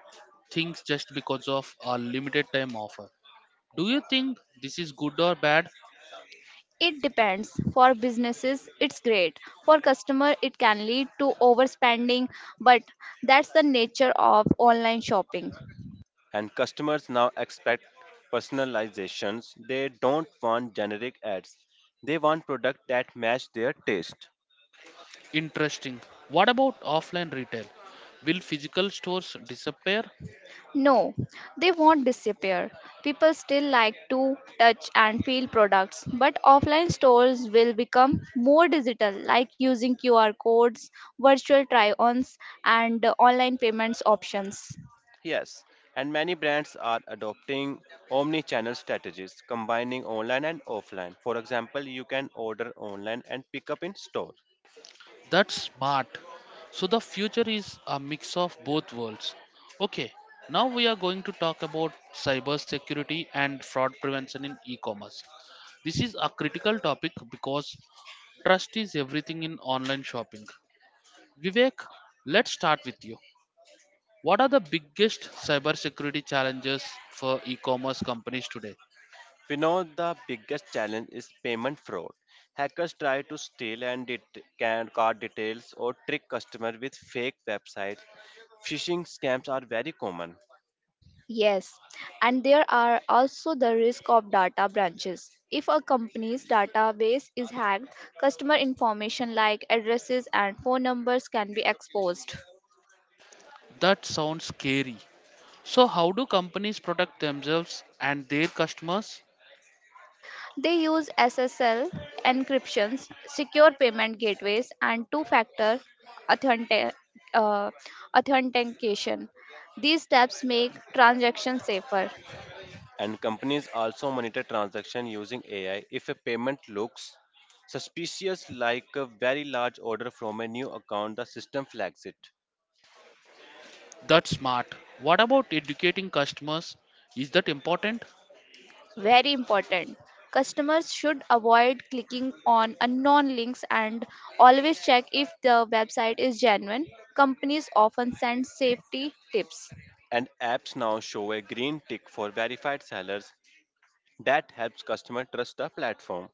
things just because of a limited time offer. Do you think this is good or bad?
It depends. For businesses, it's great. For customer, it can lead to overspending, but that's the nature of online shopping.
And customers now expect personalizations. They don't want generic ads. They want products that match their taste.
Interesting. What about offline retail? Will physical stores disappear?
No, they won't disappear. People still like to touch and feel products, but offline stores will become more digital, like using QR codes, virtual try ons, and online payments options.
Yes, and many brands are adopting omni-channel strategies, combining online and offline. For example, you can order online and pick up in store.
That's smart. So the future is a mix of both worlds. Okay, now we are going to talk about cybersecurity and fraud prevention in e-commerce. This is a critical topic because trust is everything in online shopping. Vivek, let's start with you. What are the biggest cybersecurity challenges for e-commerce companies today?
We know the biggest challenge is payment fraud. Hackers try to steal and can card details or trick customers with fake websites. Phishing scams are very common.
Yes, and there are also the risk of data breaches. If a company's database is hacked, customer information like addresses and phone numbers can be exposed.
That sounds scary. So, how do companies protect themselves and their customers?
They use SSL encryptions, secure payment gateways, and two factor authentic, uh, authentication. These steps make transactions safer.
And companies also monitor transaction using AI. If a payment looks suspicious, like a very large order from a new account, the system flags it.
That's smart. What about educating customers? Is that important?
Very important. Customers should avoid clicking on unknown links and always check if the website is genuine. Companies often send safety tips.
And apps now show a green tick for verified sellers. That helps customer trust the platform.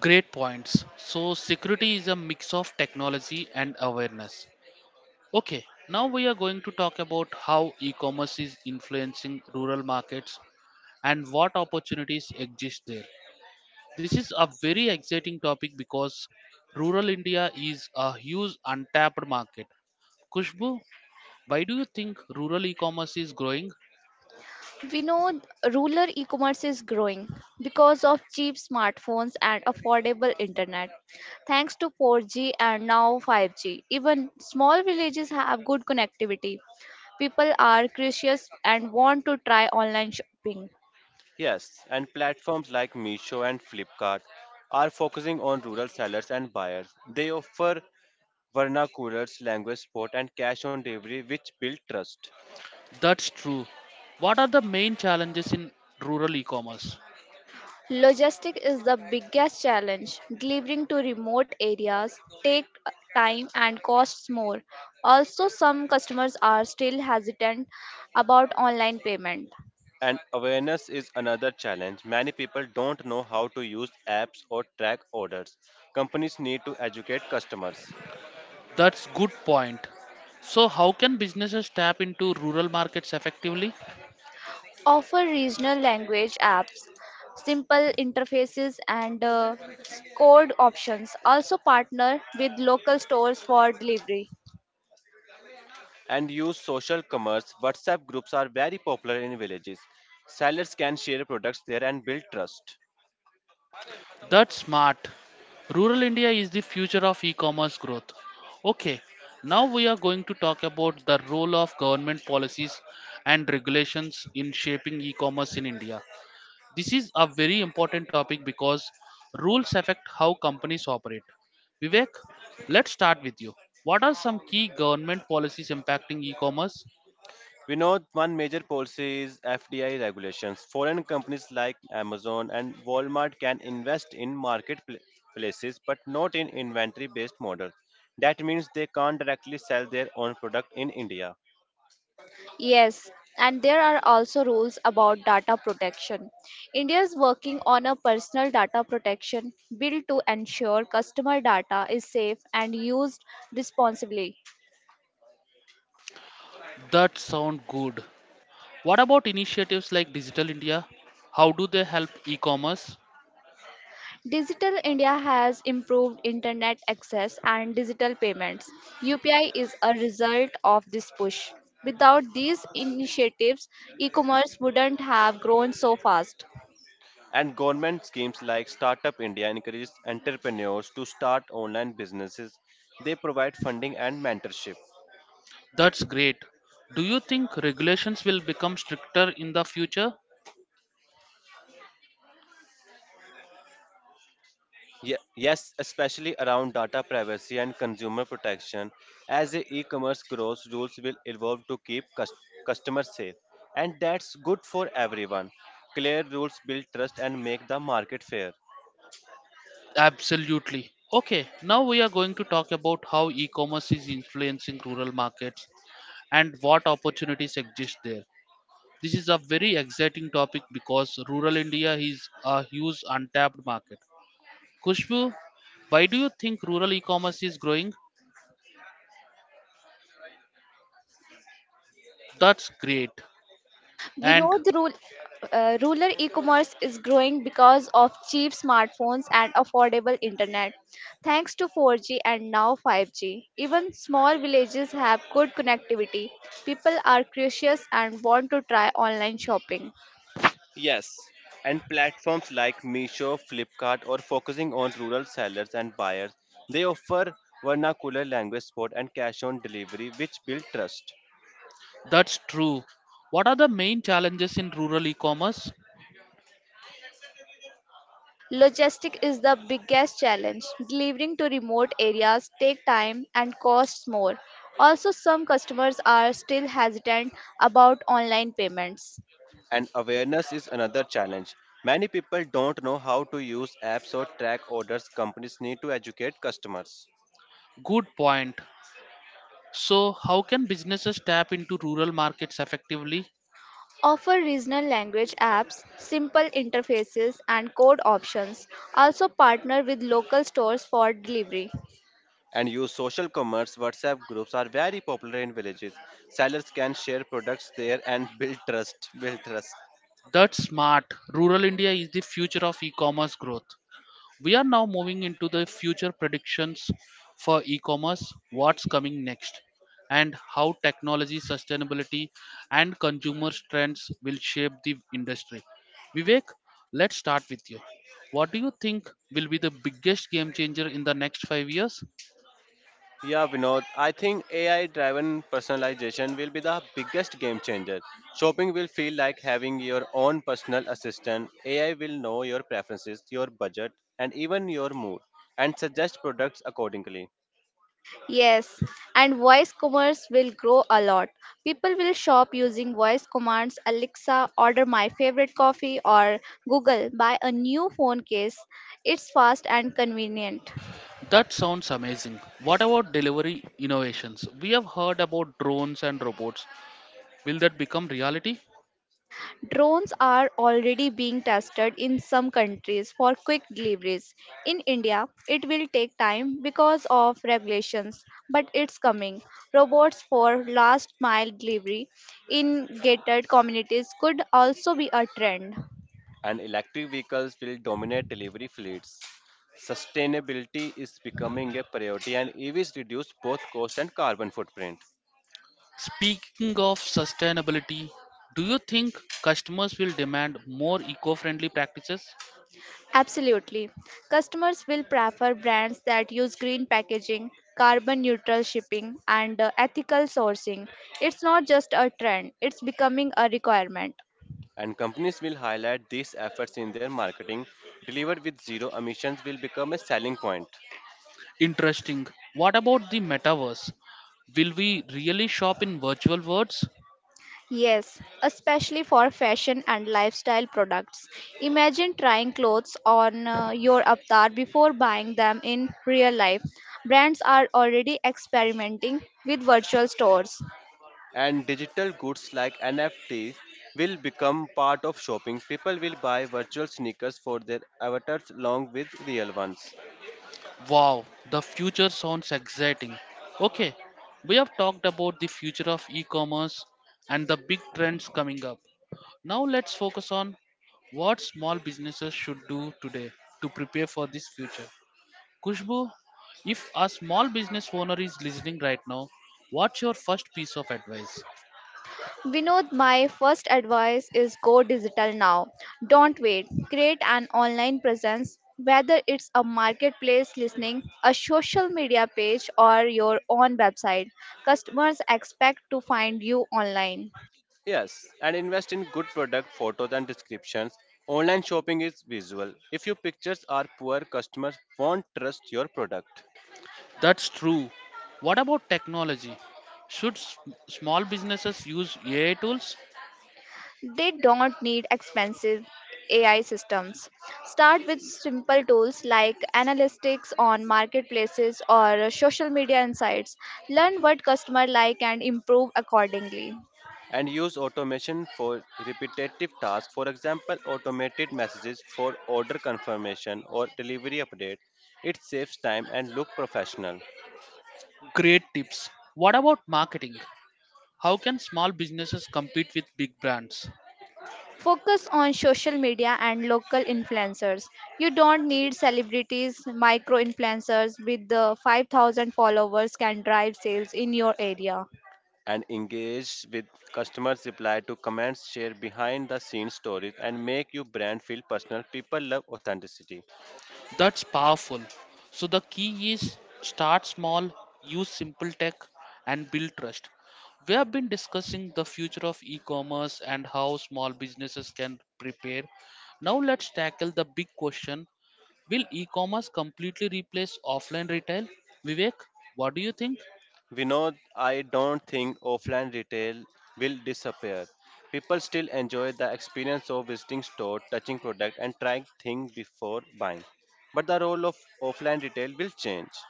Great points. So, security is a mix of technology and awareness. Okay, now we are going to talk about how e commerce is influencing rural markets and what opportunities exist there. This is a very exciting topic because rural India is a huge untapped market. Kushbu, why do you think rural e commerce is growing?
We know th- Rural e commerce is growing because of cheap smartphones and affordable internet. Thanks to 4G and now 5G, even small villages have good connectivity. People are curious and want to try online shopping.
Yes, and platforms like Meesho and Flipkart are focusing on rural sellers and buyers. They offer vernaculars, language support, and cash on delivery, which build trust.
That's true. What are the main challenges in rural e commerce?
Logistics is the biggest challenge. Delivering to remote areas take time and costs more. Also, some customers are still hesitant about online payment.
And awareness is another challenge. Many people don't know how to use apps or track orders. Companies need to educate customers,
That's good point. So how can businesses tap into rural markets effectively?
Offer regional language apps, simple interfaces, and code options. Also, partner with local stores for delivery.
and use social commerce. WhatsApp groups are very popular in villages. Sellers can share products there and build trust.
That's smart. Rural India is the future of e-commerce growth. Okay, now we are going to talk about the role of government policies and regulations in shaping e-commerce in India. This is a very important topic because rules affect how companies operate. Vivek, let's start with you. What are some key government policies impacting e commerce?
We know one major policy is FDI regulations. Foreign companies like Amazon and Walmart can invest in marketplaces but not in inventory based models. That means they can't directly sell their own product in India.
Yes, and there are also rules about data protection. India is working on a personal data protection bill to ensure customer data is safe and used responsibly.
That sound good. What about initiatives like Digital India? How do they help e commerce?
Digital India has improved internet access and digital payments. UPI is a result of this push. Without these initiatives, e commerce wouldn't have grown so fast.
And government schemes like Startup India encourages entrepreneurs to start online businesses. They provide funding and mentorship.
That's great. Do you think regulations will become stricter in the future?
Yes, especially around data privacy and consumer protection. As the e-commerce grows, rules will evolve to keep customers safe, and that's good for everyone. Clear rules build trust and make the market fair.
Absolutely. Okay, now we are going to talk about how e commerce is influencing rural markets and what opportunities exist there. This is a very exciting topic because rural India is a huge untapped market. Kushbu, why do you think rural e-commerce is growing? That's great. And
Vinod, rural e-commerce is growing because of cheap smartphones and affordable internet. Thanks to 4G and now 5G, even small villages have good connectivity. People are curious and want to try online shopping.
Yes, and platforms like Meesho, Flipkart are focusing on rural sellers and buyers. They offer vernacular language support and cash on delivery, which build trust.
that's true. What are the main challenges in rural e-commerce?
Logistic is the biggest challenge. Delivering to remote areas take time and costs more. Also, some customers are still hesitant about online payments.
And awareness is another challenge. Many people don't know how to use apps or track orders. Companies need to educate customers,
Good point. So, how can businesses tap into rural markets effectively?
Offer regional language apps, simple interfaces, and code options. Also, partner with local stores for delivery.
and use social commerce. WhatsApp groups are very popular in villages. Sellers can share products there and build trust.
That's smart. Rural India is the future of e-commerce growth. We are now moving into the future predictions for e commerce, what's coming next, and how technology, sustainability, and consumer trends will shape the industry. Vivek, let's start with you. What do you think will be the biggest game changer in the next 5 years?
Yeah, Vinod, I think AI driven personalization will be the biggest game changer. Shopping will feel like having your own personal assistant. AI will know your preferences, your budget, and even your mood, and suggest products accordingly.
Yes, and voice commerce will grow a lot. People will shop using voice commands, Alexa, order my favorite coffee, or Google, buy a new phone case. It's fast and convenient.
That sounds amazing. What about delivery innovations? We have heard about drones and robots. Will that become reality?
Drones are already being tested in some countries for quick deliveries. In India, it will take time because of regulations, but it's coming. Robots for last mile delivery in gated communities could also be a trend.
And electric vehicles will dominate delivery fleets. Sustainability is becoming a priority, and EVs reduce both cost and carbon footprint.
Speaking of sustainability, do you think customers will demand more eco friendly practices?
Absolutely. Customers will prefer brands that use green packaging, carbon neutral shipping, and ethical sourcing. It's not just a trend, it's becoming a requirement.
And companies will highlight these efforts in their marketing. Delivered with zero emissions will become a selling point.
Interesting. What about the metaverse? Will we really shop in virtual worlds?
Yes, especially for fashion and lifestyle products. Imagine trying clothes on your avatar before buying them in real life. Brands are already experimenting with virtual stores.
And digital goods like NFTs will become part of shopping. People will buy virtual sneakers for their avatars along with real ones.
Wow, the future sounds exciting. Okay, we have talked about the future of e commerce and the big trends coming up. Now let's focus on what small businesses should do today to prepare for this future. Kushbu, if a small business owner is listening right now, what's your first piece of advice?
Vinod, my first advice is go digital now. Don't wait. Create an online presence, whether it's a marketplace listening, a social media page, or your own website. Customers expect to find you online.
Yes, and invest in good product photos and descriptions. Online shopping is visual. If your pictures are poor, customers won't trust your product.
That's true. What about technology? Should small businesses use AI tools?
They don't need expensive AI systems. Start with simple tools like analytics on marketplaces or social media insights. Learn what customer like and improve accordingly.
And use automation for repetitive tasks. For example, automated messages for order confirmation or delivery update. It saves time and look professional.
Great tips. What about marketing? How can small businesses compete with big brands?
Focus on social media and local influencers. You don't need celebrities, micro influencers with the 5,000 followers can drive sales in your area.
And engage with customers, reply to comments, share behind the scenes stories, and make your brand feel personal. People love authenticity.
That's powerful. So the key is start small, use simple tech, and build trust. We have been discussing the future of e commerce and how small businesses can prepare. Now let's tackle the big question: will e commerce completely replace offline retail? Vivek, what do you think?
We know I don't think offline retail will disappear. People still enjoy the experience of visiting store, touching product, and trying things before buying. But the role of offline retail will change.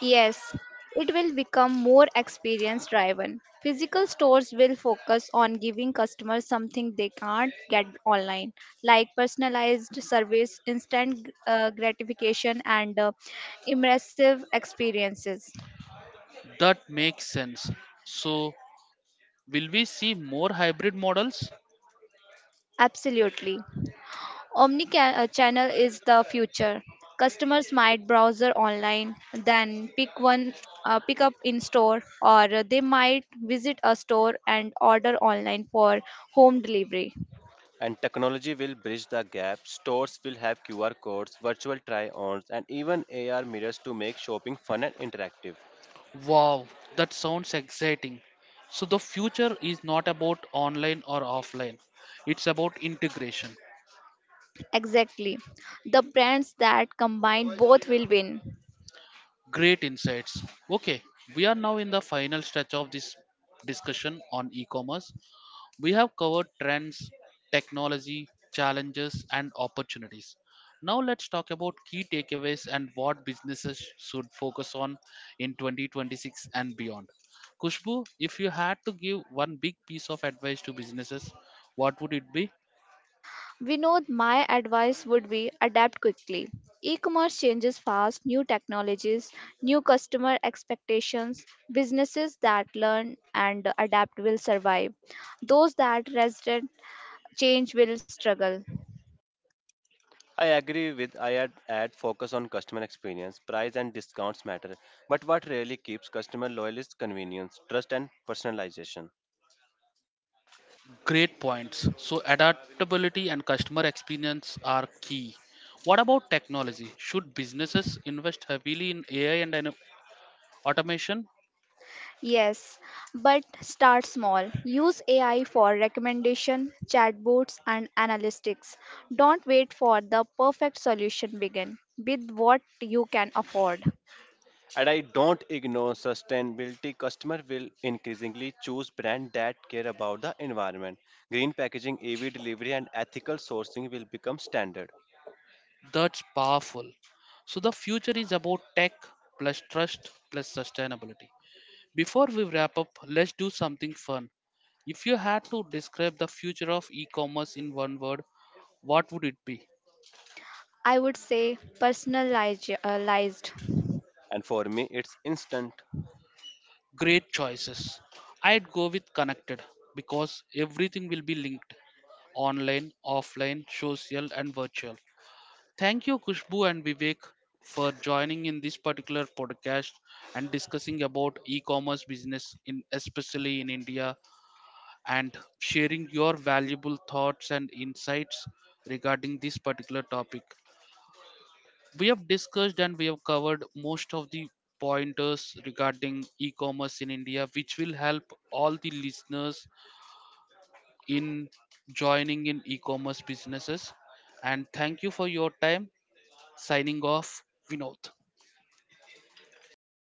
Yes, it will become more experience driven. Physical stores will focus on giving customers something they can't get online, like personalized service, instant gratification, and immersive experiences.
That makes sense. So, will we see more hybrid models?
Absolutely. Omni channel is the future. Customers might browse online, then pick up in store, or they might visit a store and order online for home delivery.
And technology will bridge the gap. Stores will have QR codes, virtual try ons, and even AR mirrors to make shopping fun and interactive.
Wow, that sounds exciting. So the future is not about online or offline. It's about integration.
Exactly. The brands that combine both will win.
Great insights. Okay, we are now in the final stretch of this discussion on e-commerce. We have covered trends, technology, challenges, and opportunities. Now let's talk about key takeaways and what businesses should focus on in 2026 and beyond. Kushbu, if you had to give one big piece of advice to businesses, what would it be?
Vinod, my advice would be adapt quickly. E commerce changes fast, new technologies, new customer expectations. Businesses that learn and adapt will survive. Those that resist change will struggle.
I agree with I had add focus on customer experience. Price and discounts matter, but what really keeps customer loyal is convenience, trust and personalization.
Great points. So, adaptability and customer experience are key. What about technology? Should businesses invest heavily in AI and automation?
Yes, but start small. Use AI for recommendation, chatbots, and analytics. Don't wait for the perfect solution. Begin with what you can afford.
And I don't ignore sustainability. Customer will increasingly choose brand that care about the environment. Green packaging, EV delivery and ethical sourcing will become standard.
That's powerful. So the future is about tech plus trust plus sustainability. Before we wrap up, let's do something fun. If you had to describe the future of e-commerce in one word, what would it be?
I would say personalized.
And for me it's instant.
Great choices. I'd go with connected because everything will be linked online, offline, social and virtual. Thank you, Kushbu and Vivek, for joining in this particular podcast and discussing about e-commerce business, in especially in India, and sharing your valuable thoughts and insights regarding this particular topic. We have discussed and we have covered most of the pointers regarding e-commerce in India, which will help all the listeners in joining in e-commerce businesses. And thank you for your time. Signing off, Vinod.